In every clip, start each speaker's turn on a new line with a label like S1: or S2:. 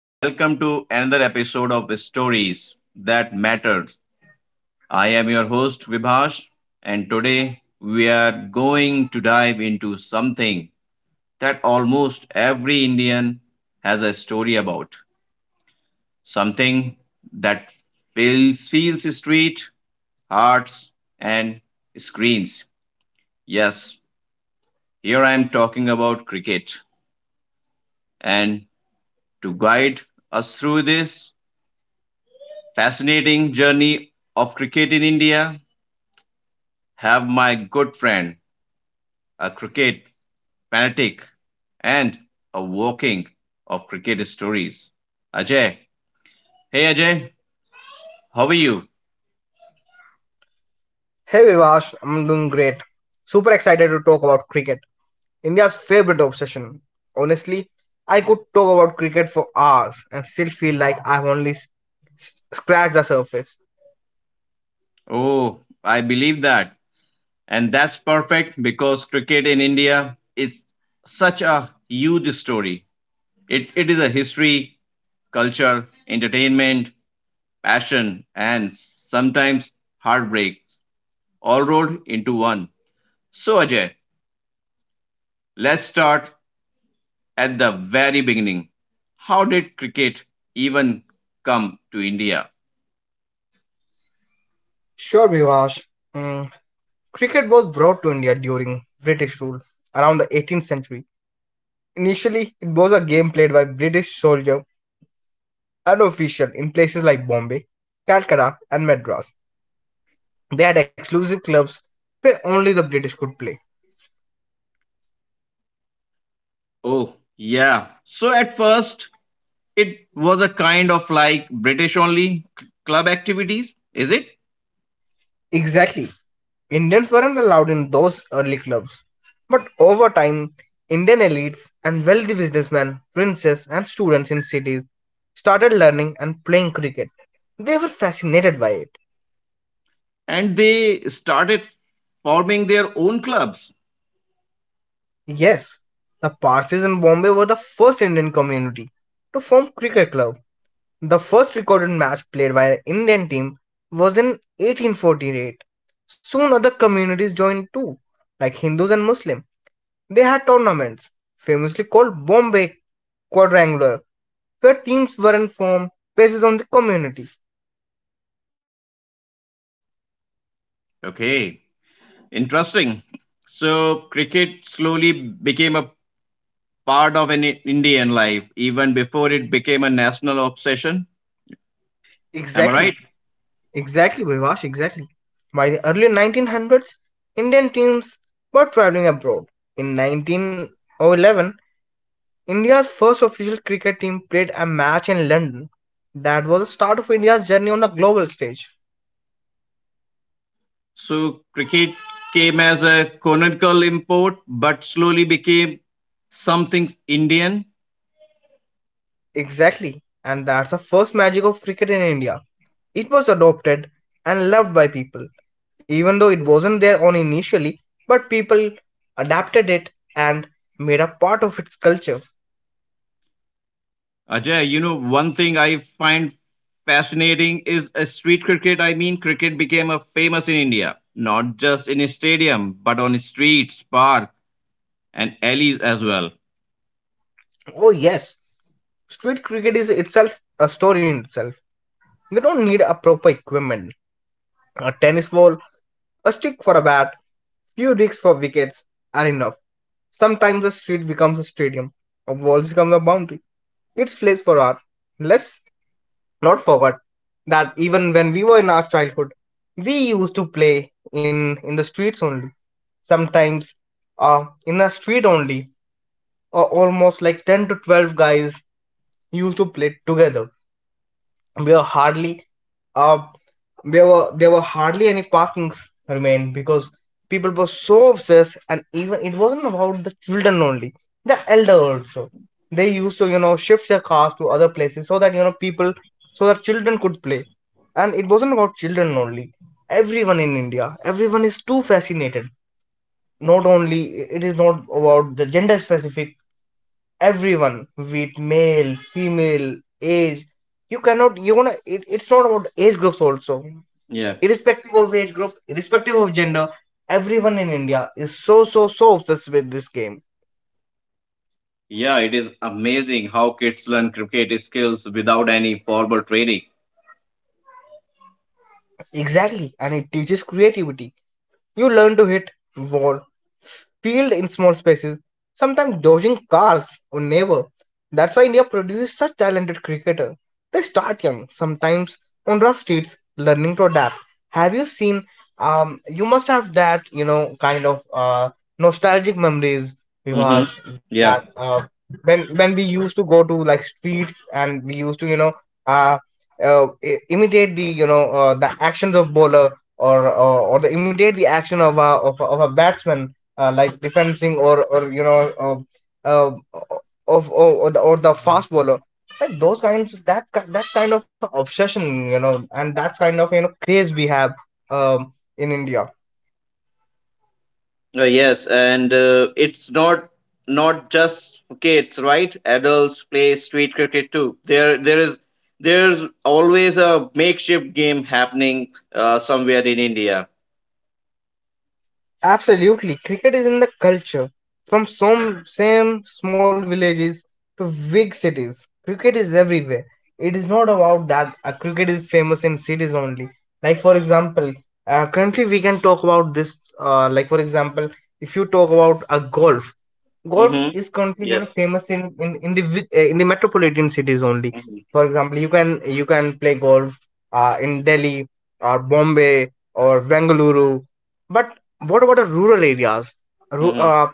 S1: Welcome to another episode of Stories That Matters. I am your host, Vibhash, and today we are going to dive into something that almost every Indian has a story about. Something that fills street, hearts, and screens. Yes, here I am talking about cricket. And to guide us through this, fascinating journey of cricket in India. Have my good friend, a cricket fanatic, and a walking of cricket stories. Ajay. Hey Ajay, how are you?
S2: Hey Vivash, I'm doing great. Super excited to talk about cricket, India's favorite obsession. Honestly, I could talk about cricket for hours and still feel like I've only scratched the surface.
S1: Oh, I believe that. And that's perfect because cricket in India is such a huge story. It is a history, culture, entertainment, passion, and sometimes heartbreaks all rolled into one. So, Ajay, let's start at the very beginning. How did cricket even come to India?
S2: Sure, Vivash. Mm, Cricket was brought to India during British rule around the 18th century. Initially, it was a game played by British soldiers and officials in places like Bombay, Calcutta, and Madras. They had exclusive clubs where only the British could play.
S1: Oh, yeah. So, at first, it was a kind of like British only c- club activities, is it?
S2: Exactly. Indians weren't allowed in those early clubs. But over time, Indian elites and wealthy businessmen, princes, and students in cities started learning and playing cricket. They were fascinated by it.
S1: And they started forming their own clubs.
S2: Yes, the Parsis in Bombay were the first Indian community to form cricket club. The first recorded match played by an Indian team was in 1848. Soon other communities joined too, like Hindus and Muslims. They had tournaments, famously called Bombay Quadrangular, where teams weren't formed based on the community.
S1: Okay, interesting. So, cricket slowly became a part of an I- Indian life even before it became a national obsession. Am I right?
S2: Exactly, exactly, Vivash, exactly. By the early 1900s, Indian teams were traveling abroad. In 1911, India's first official cricket team played a match in London. That was the start of India's journey on the global stage.
S1: So cricket came as a colonial import, but slowly became something Indian.
S2: Exactly, and that's the first magic of cricket in India. It was adopted and loved by people, even though it wasn't their own initially, but people adapted it and made a part of its culture.
S1: Ajay, you know, one thing I find fascinating is a street cricket. I mean, cricket became a famous in India, not just in a stadium, but on streets, park, and alleys as well.
S2: Oh, yes, street cricket is itself a story in itself. You don't need a proper equipment, a tennis ball, a stick for a bat, few digs for wickets are enough. Sometimes a street becomes a stadium, a wall becomes a boundary. It's place for art, less not forgot that even when we were in our childhood, we used to play in the streets only. Sometimes, in a street only, or almost like 10 to 12 guys used to play together. There were hardly uh, there were hardly any parkings remained because people were so obsessed, and even it wasn't about the children only, the elder also, they used to, shift their cars to other places so that, people, so that children could play. And it wasn't about children only, everyone in India, everyone is too fascinated. Not only, it is not about the gender specific, everyone, with male, female, age, you cannot you wanna it's not about age groups also,
S1: Yeah,
S2: irrespective of age group, irrespective of gender, everyone in India is so obsessed with this game.
S1: yeah, it is amazing how kids learn cricket skills without any formal training.
S2: Exactly, and it teaches creativity. You learn to hit wall, field in small spaces, sometimes dodging cars or neighbor. That's why India produces such talented cricketer. They start young, sometimes on rough streets, learning to adapt. Have you seen? You must have that, kind of nostalgic memories,
S1: Mm-hmm.
S2: Vivash, that
S1: Yeah.
S2: when we used to go to like streets and we used to, uh, imitate the, the actions of bowler, or the, imitate the action of of a batsman, like defending or, uh, of or, or the fast bowler, like those kinds. That's kind of obsession, and that's kind of, craze we have in India.
S1: Yes, and it's not just kids, right? Adults play street cricket too. There's always a makeshift game happening somewhere in India.
S2: Absolutely. Cricket is in the culture. From some same small villages to big cities, cricket is everywhere. It is not about that cricket is famous in cities only. Like for example, currently we can talk about this. Like for example, if you talk about a golf, golf
S1: Mm-hmm.
S2: is currently,
S1: Yes.
S2: famous in the in the metropolitan cities only.
S1: Mm-hmm.
S2: For example, you can play golf in Delhi or Bombay or Bengaluru, but what about the rural areas? Ru-
S1: Mm-hmm.
S2: uh,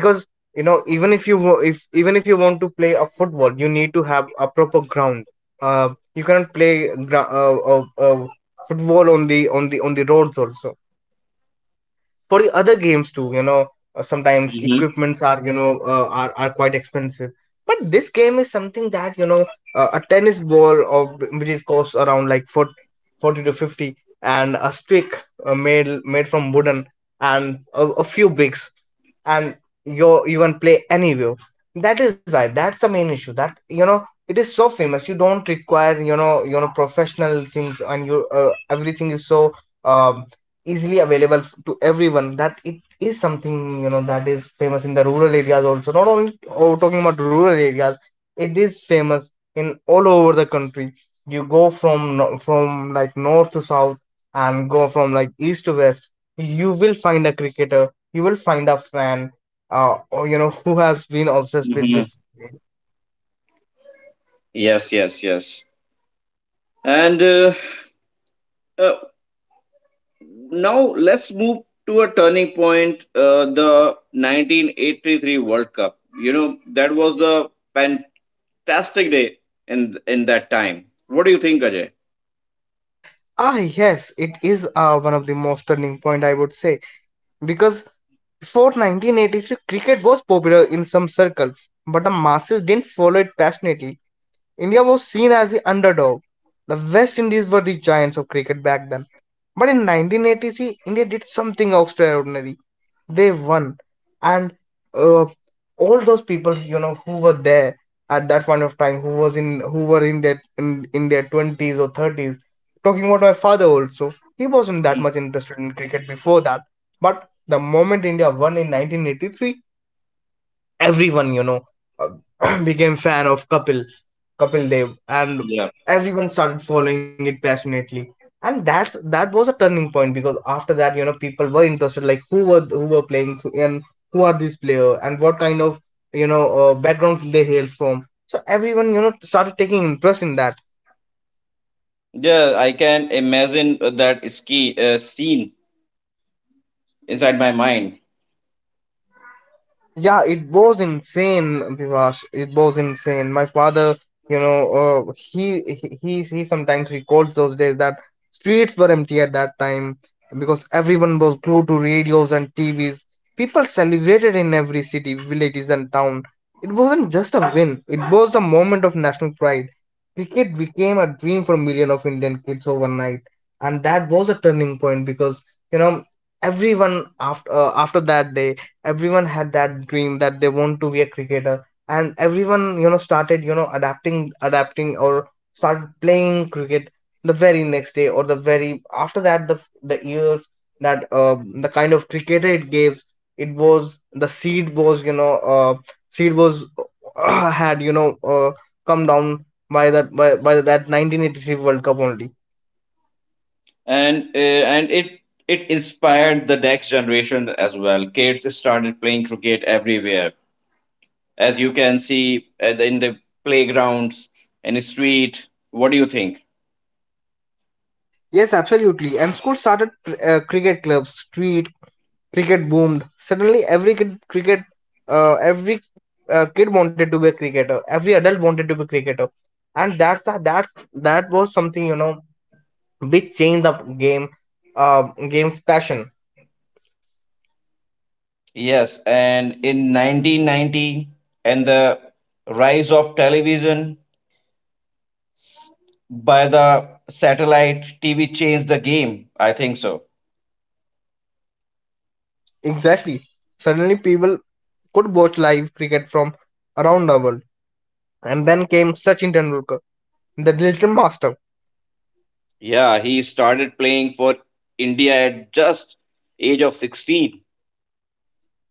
S2: because, even if you wa- if even if you want to play a football, you need to have a proper ground. uh, you cannot play football on the on the roads also. For the other games too, sometimes
S1: Mm-hmm.
S2: equipments are, are quite expensive. But this game is something that, a tennis ball, of which is costs around like 40, 40 to 50, and a stick made from wooden, and a few bricks, and you can play anywhere. That is why, that's the main issue that, it is so famous. You don't require, professional things, and you, everything is so um easily available to everyone, that it is something, that is famous in the rural areas also. Not only, oh, talking about rural areas, it is famous in all over the country. You go from from like north to south, and go from like east to west, you will find a cricketer, you will find a fan, or, who has been obsessed with
S1: Mm-hmm.
S2: this.
S1: Yes. Yes. Yes. And uh, now let's move to a turning point, the 1983 World Cup. You know that was the fantastic day in that time. What do you think, Ajay?
S2: Ah, yes, it is one of the most turning point, I would say. Because before 1983, cricket was popular in some circles, but the masses didn't follow it passionately. India was seen as the underdog. The West Indies were the giants of cricket back then. But in 1983, India did something extraordinary, they won. And uh, all those people, who were there at that point of time, who were in their in their 20s or 30s. Talking about my father also, he wasn't that
S1: Mm,
S2: much interested in cricket before that, but the moment India won in 1983, everyone, became fan of Kapil Dev, and
S1: yeah,
S2: everyone started following it passionately. And that was a turning point because after that, you know, people were interested, like who were playing and who are these players, and what kind of, backgrounds they hails from. So everyone, started taking interest in that.
S1: yeah, I can imagine that ski scene inside my mind,
S2: Yeah, it was insane, Vivash. It was insane. My father, you know, he sometimes recalls those days that streets were empty at that time because everyone was glued to radios and TVs. People celebrated in every city, villages, and town. It wasn't just a win; it was the moment of national pride. Cricket became a dream for millions of Indian kids overnight, and that was a turning point because, you know everyone after, after that day, everyone had that dream that they want to be a cricketer, and everyone, started, adapting or started playing cricket the very next day or the very after that, the years. That the kind of cricketer it gave, it was the seed, was, seed was, had, come down by that, by that 1983 world cup only.
S1: and uh, and it inspired the next generation as well. Kids started playing cricket everywhere, as you can see at the- in the playgrounds and the street. What do you think?
S2: Yes, absolutely, and school started cricket clubs, street cricket boomed suddenly, every kid cricket, every kid wanted to be a cricketer, every adult wanted to be a cricketer. And that's the, that's that was something, which changed the game, uh, game's passion.
S1: Yes, and in 1990 and the rise of television by the satellite TV changed the game. I think so.
S2: Exactly, suddenly people could watch live cricket from around the world, and then came Sachin Tendulkar, the little master.
S1: Yeah, he started playing for India at just age of 16.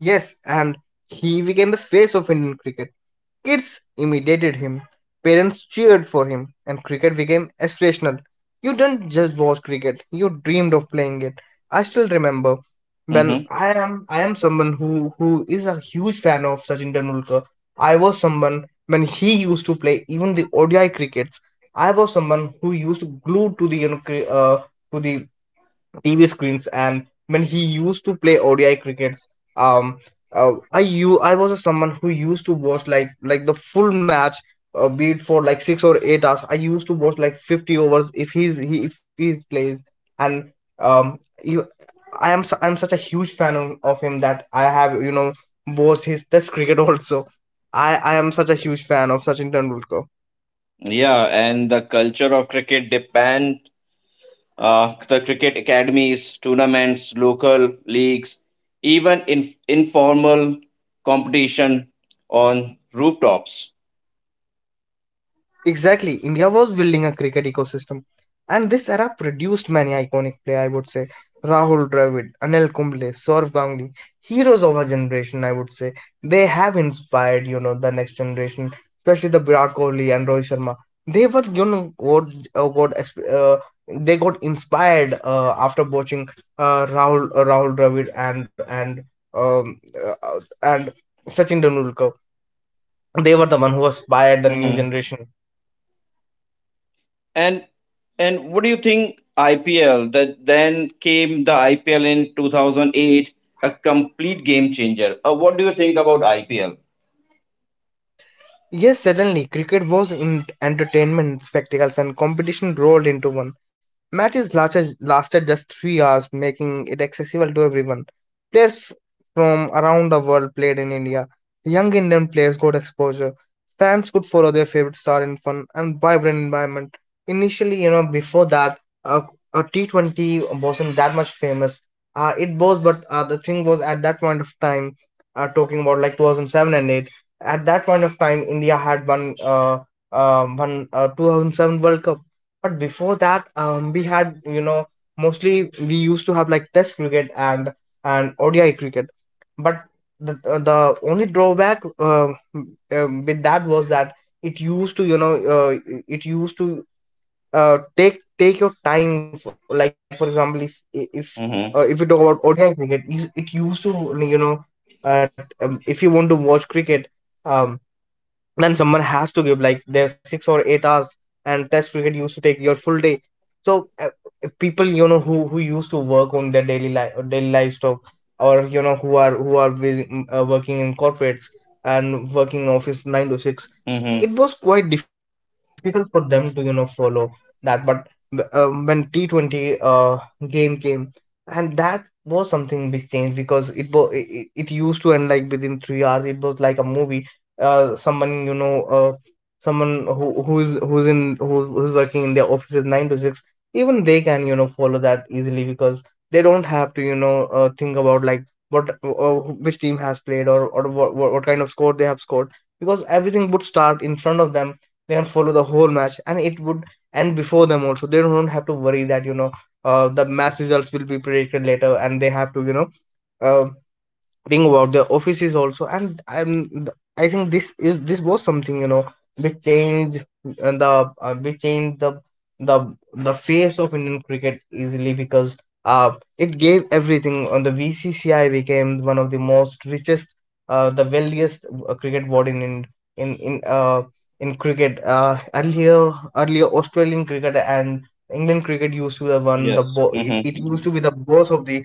S2: Yes, and he became the face of Indian cricket. Kids imitated him, parents cheered for him, and cricket became aspirational. You didn't just watch cricket, you dreamed of playing it. I still remember when
S1: Hmm.
S2: I am someone who is a huge fan of Sachin Tendulkar. I was someone when he used to play even the ODI crickets. I was someone who used to glue to the, you know, to the TV screens. And when he used to play ODI crickets, um, I was a someone who used to watch like the full match, be it for like 6 or 8 hours. I used to watch like 50 overs if if he's plays. And um, you, I'm such a huge fan of him that I have, watched his Test cricket also. I am such a huge fan of Sachin Tendulkar.
S1: Yeah, and the culture of cricket depend the cricket academies, tournaments, local leagues, even in informal competition on rooftops.
S2: Exactly, India was building a cricket ecosystem, and this era produced many iconic players. I would say Rahul Dravid, Anil Kumble, Saurav Ganguly, heroes of our generation. I would say they have inspired, the next generation, especially the Virat Kohli and Rohit Sharma. They were, uh, got exp- uh, they got inspired after watching Rahul Dravid and Sachin Tendulkar. They were the one who inspired the new generation.
S1: And and what do you think IPL that then came the IPL in 2008, a complete game changer. What do you think about IPL?
S2: Yes, suddenly cricket was in entertainment, spectacles, and competition rolled into one. Matches lasted just 3 hours, making it accessible to everyone. Players from around the world played in India. Young Indian players got exposure. Fans could follow their favorite star in fun and vibrant environment. Initially, before that, 20 wasn't that much famous. It was, but the thing was at that point of time, talking about like 2007 and 8, at that point of time, India had won, one, 2007 World Cup. But before that, we had, mostly we used to have like Test cricket and ODI cricket. But the only drawback, with that was that it used to you know uh, it used to take your time. For, like for example, if if uh,
S1: Mm-hmm.
S2: if we talk about ODI cricket, it used to, if you want to watch cricket, um, then someone has to give like their 6 or 8 hours, and test cricket used to take your full day. So, people, who used to work on their daily life or daily livestock, or, who are busy, working in corporates and working in office 9 to 6,
S1: Mm-hmm.
S2: it was quite difficult for them to follow that. But when T20 game came, and that was something which changed, because it was it, it it used to end like within 3 hours. It was like a movie. Someone who's working in their offices 9 to 6, even they can follow that easily, because they don't have to, think about like what, which team has played, or what, what kind of score they have scored, because everything would start in front of them. They can follow the whole match, and it would end before them also. They don't have to worry that the match results will be predicted later, and they have to, uh, thing about the offices also. And I think this was something, which changed uh, the uh, which changed the the the face of Indian cricket easily, because uh it gave everything on the vcci, became one of the most richest, the wealthiest, cricket board in, in uh in cricket. Earlier, Australian cricket and England cricket used to have one,
S1: Yes.
S2: it used to
S1: Mm-hmm.
S2: be the boss of the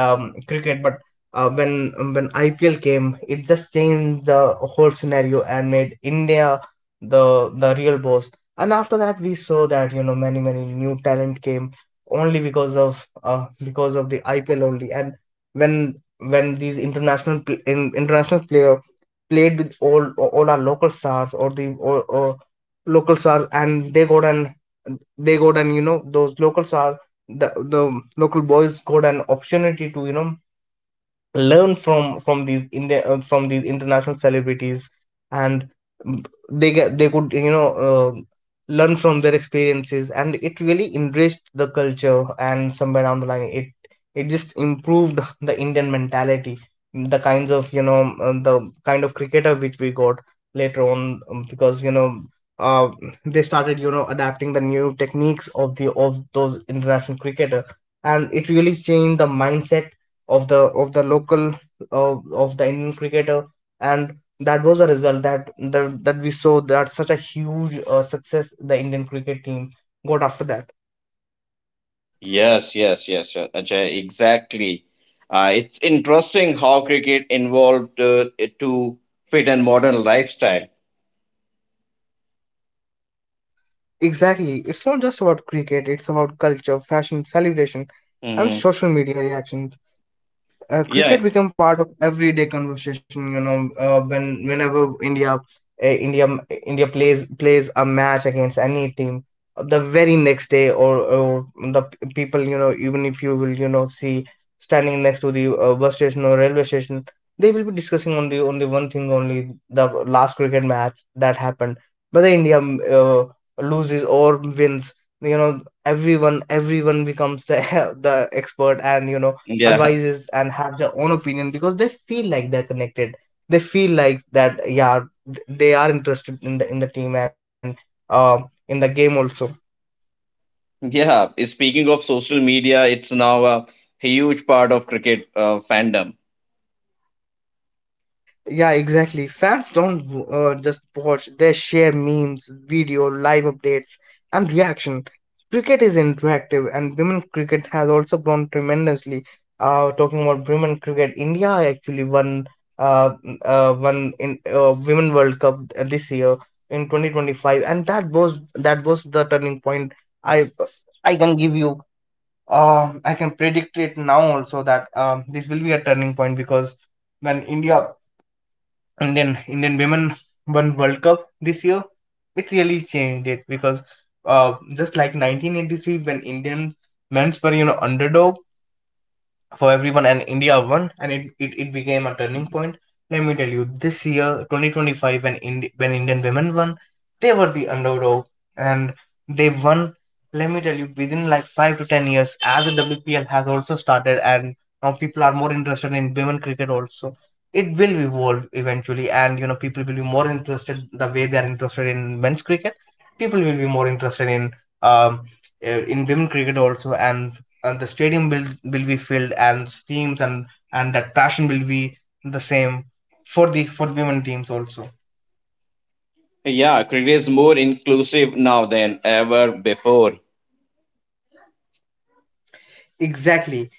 S2: cricket. But when IPL came, it just changed the whole scenario and made India the real boss. And after that, we saw that many new talent came only because of the IPL only. And when these international player played with all our local stars, or local stars, and they got an you know those local stars, the local boys got an opportunity to learn from these India from these international celebrities, and, they could learn from their experiences, and it really enriched the culture. And somewhere down the line, it just improved the Indian mentality, the kinds of you know the kind of cricketer which we got later on, because Uh, they started, adapting the new techniques of those international cricketer, and it really changed the mindset of the of the local of the Indian cricketer, and that was a result that we saw that such a huge, success the Indian cricket team got after that.
S1: Yes, yes, yes, yes, Ajay, exactly. It's interesting how cricket involved it to fit and modern lifestyle.
S2: Exactly, it's not just about cricket; it's about culture, fashion, celebration, and
S1: Mm-hmm.
S2: social media reaction.
S1: Yeah,
S2: Cricket become part of everyday conversation. Whenever India plays a match against any team, the very next day, or the, people, even if you will see standing next to the bus station or railway station, they will be discussing on the only one thing, only the last cricket match that happened, whether India, uh, loses or wins, you know everyone becomes the the expert, and
S1: yeah,
S2: advices and have their own opinion, because they feel like they're connected. They feel like that, yeah, they are interested in the team, and uh, in the game also.
S1: yeah. Speaking of social media, it's now a huge part of cricket fandom.
S2: Yeah, exactly. Fans don't just watch, they share memes, video, live updates, and reaction. Cricket is interactive, and women cricket has also grown tremendously. Talking about women cricket, India actually uh, won in Women World Cup, this year in 2025, and that was the turning point. I I can give you I can predict it now also that this will be a turning point, because when India, Indian women won World Cup this year, it really changed it, because just like 1983, when Indian men's were, underdog for everyone, and India won, and it became a turning point. Let me tell you, this year 2025, when Indian women won, they were the underdog, and they won. Let me tell you, within like 5 to 10 years, as the WPL has also started, and now people are more interested in women cricket also. It will evolve eventually, and people will be more interested the way they are interested in men's cricket. People will be more interested um in women cricket also, and the stadium will be filled, and teams, and that passion will be the same for women teams also.
S1: Yeah, cricket is more inclusive now than ever before.
S2: Exactly.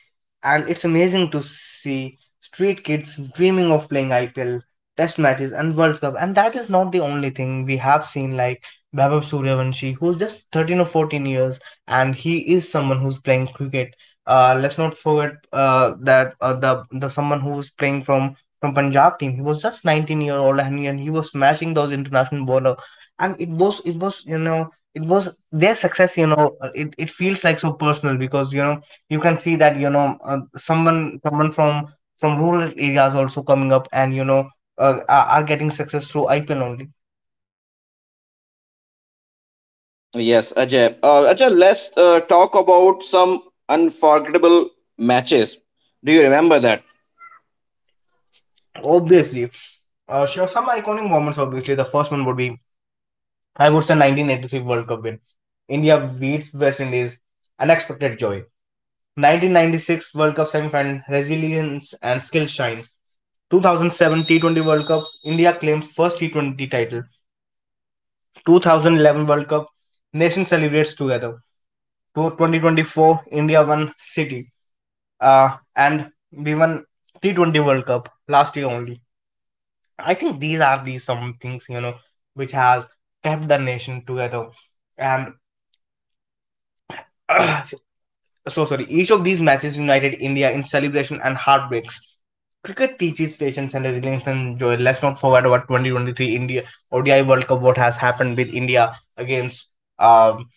S2: And it's amazing to see street kids dreaming of playing IPL, test matches, and World Cup. And that is not the only thing we have seen, like Babab Suryavanshi, who's just 13 or 14 years, and he is someone who's playing cricket. Let's not forget that the someone who was playing from Punjab team, he was just 19-year-old, and he was smashing those international bowler. And it was their success. It feels like so personal, because you can see that someone from rural areas also coming up, and are getting success through IPL only.
S1: Yes, Ajay. Ajay, let's talk about some unforgettable matches. Do you remember that?
S2: Obviously, sure. Some iconic moments. Obviously, the first one would be, I would say, 1983 World Cup win. India beats West Indies. Unexpected joy. 1996 World Cup semi-final. Resilience and skill shine. 2007 T20 World Cup. India claims first T20 title. 2011 World Cup. Nation celebrates together. To 2024, India won City, uh, and we won T20 World Cup last year only. I think these are the some things, which has kept the nation together, and so sorry, each of these matches united India in celebration and heartbreaks. Cricket teaches patience and resilience and joy. Let's not forget about 2023 India ODI World Cup. What has happened with India against, um,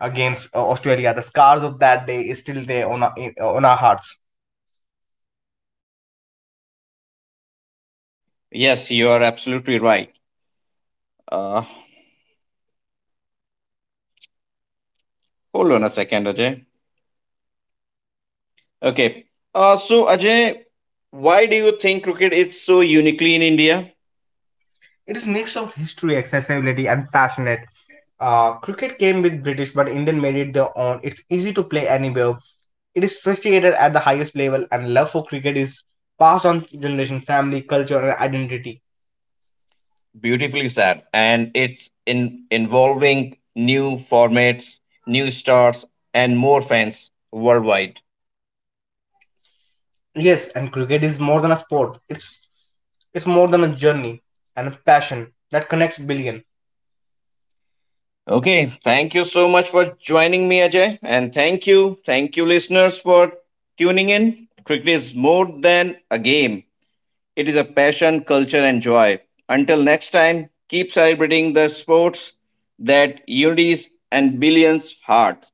S2: Australia? The scars of that day is still there on our hearts.
S1: Yes, you are absolutely right. Uh, hold on a second, Ajay. Okay. So, Ajay, why do you think cricket is so uniquely in India?
S2: It is a mix of history, accessibility, and passionate. Cricket came with British, but Indian made it their own. It's easy to play anywhere. It is sophisticated at the highest level, and love for cricket is passed on to generation, family, culture, and identity.
S1: Beautifully said. And it's in involving new formats, new stars, and more fans worldwide.
S2: Yes, and cricket is more than a sport. It's more than a journey and a passion that connects billions.
S1: Okay, thank you so much for joining me, Ajay. And thank you, listeners, for tuning in. Cricket is more than a game, it is a passion, culture, and joy. Until next time, keep celebrating the sports that unites and billions heart.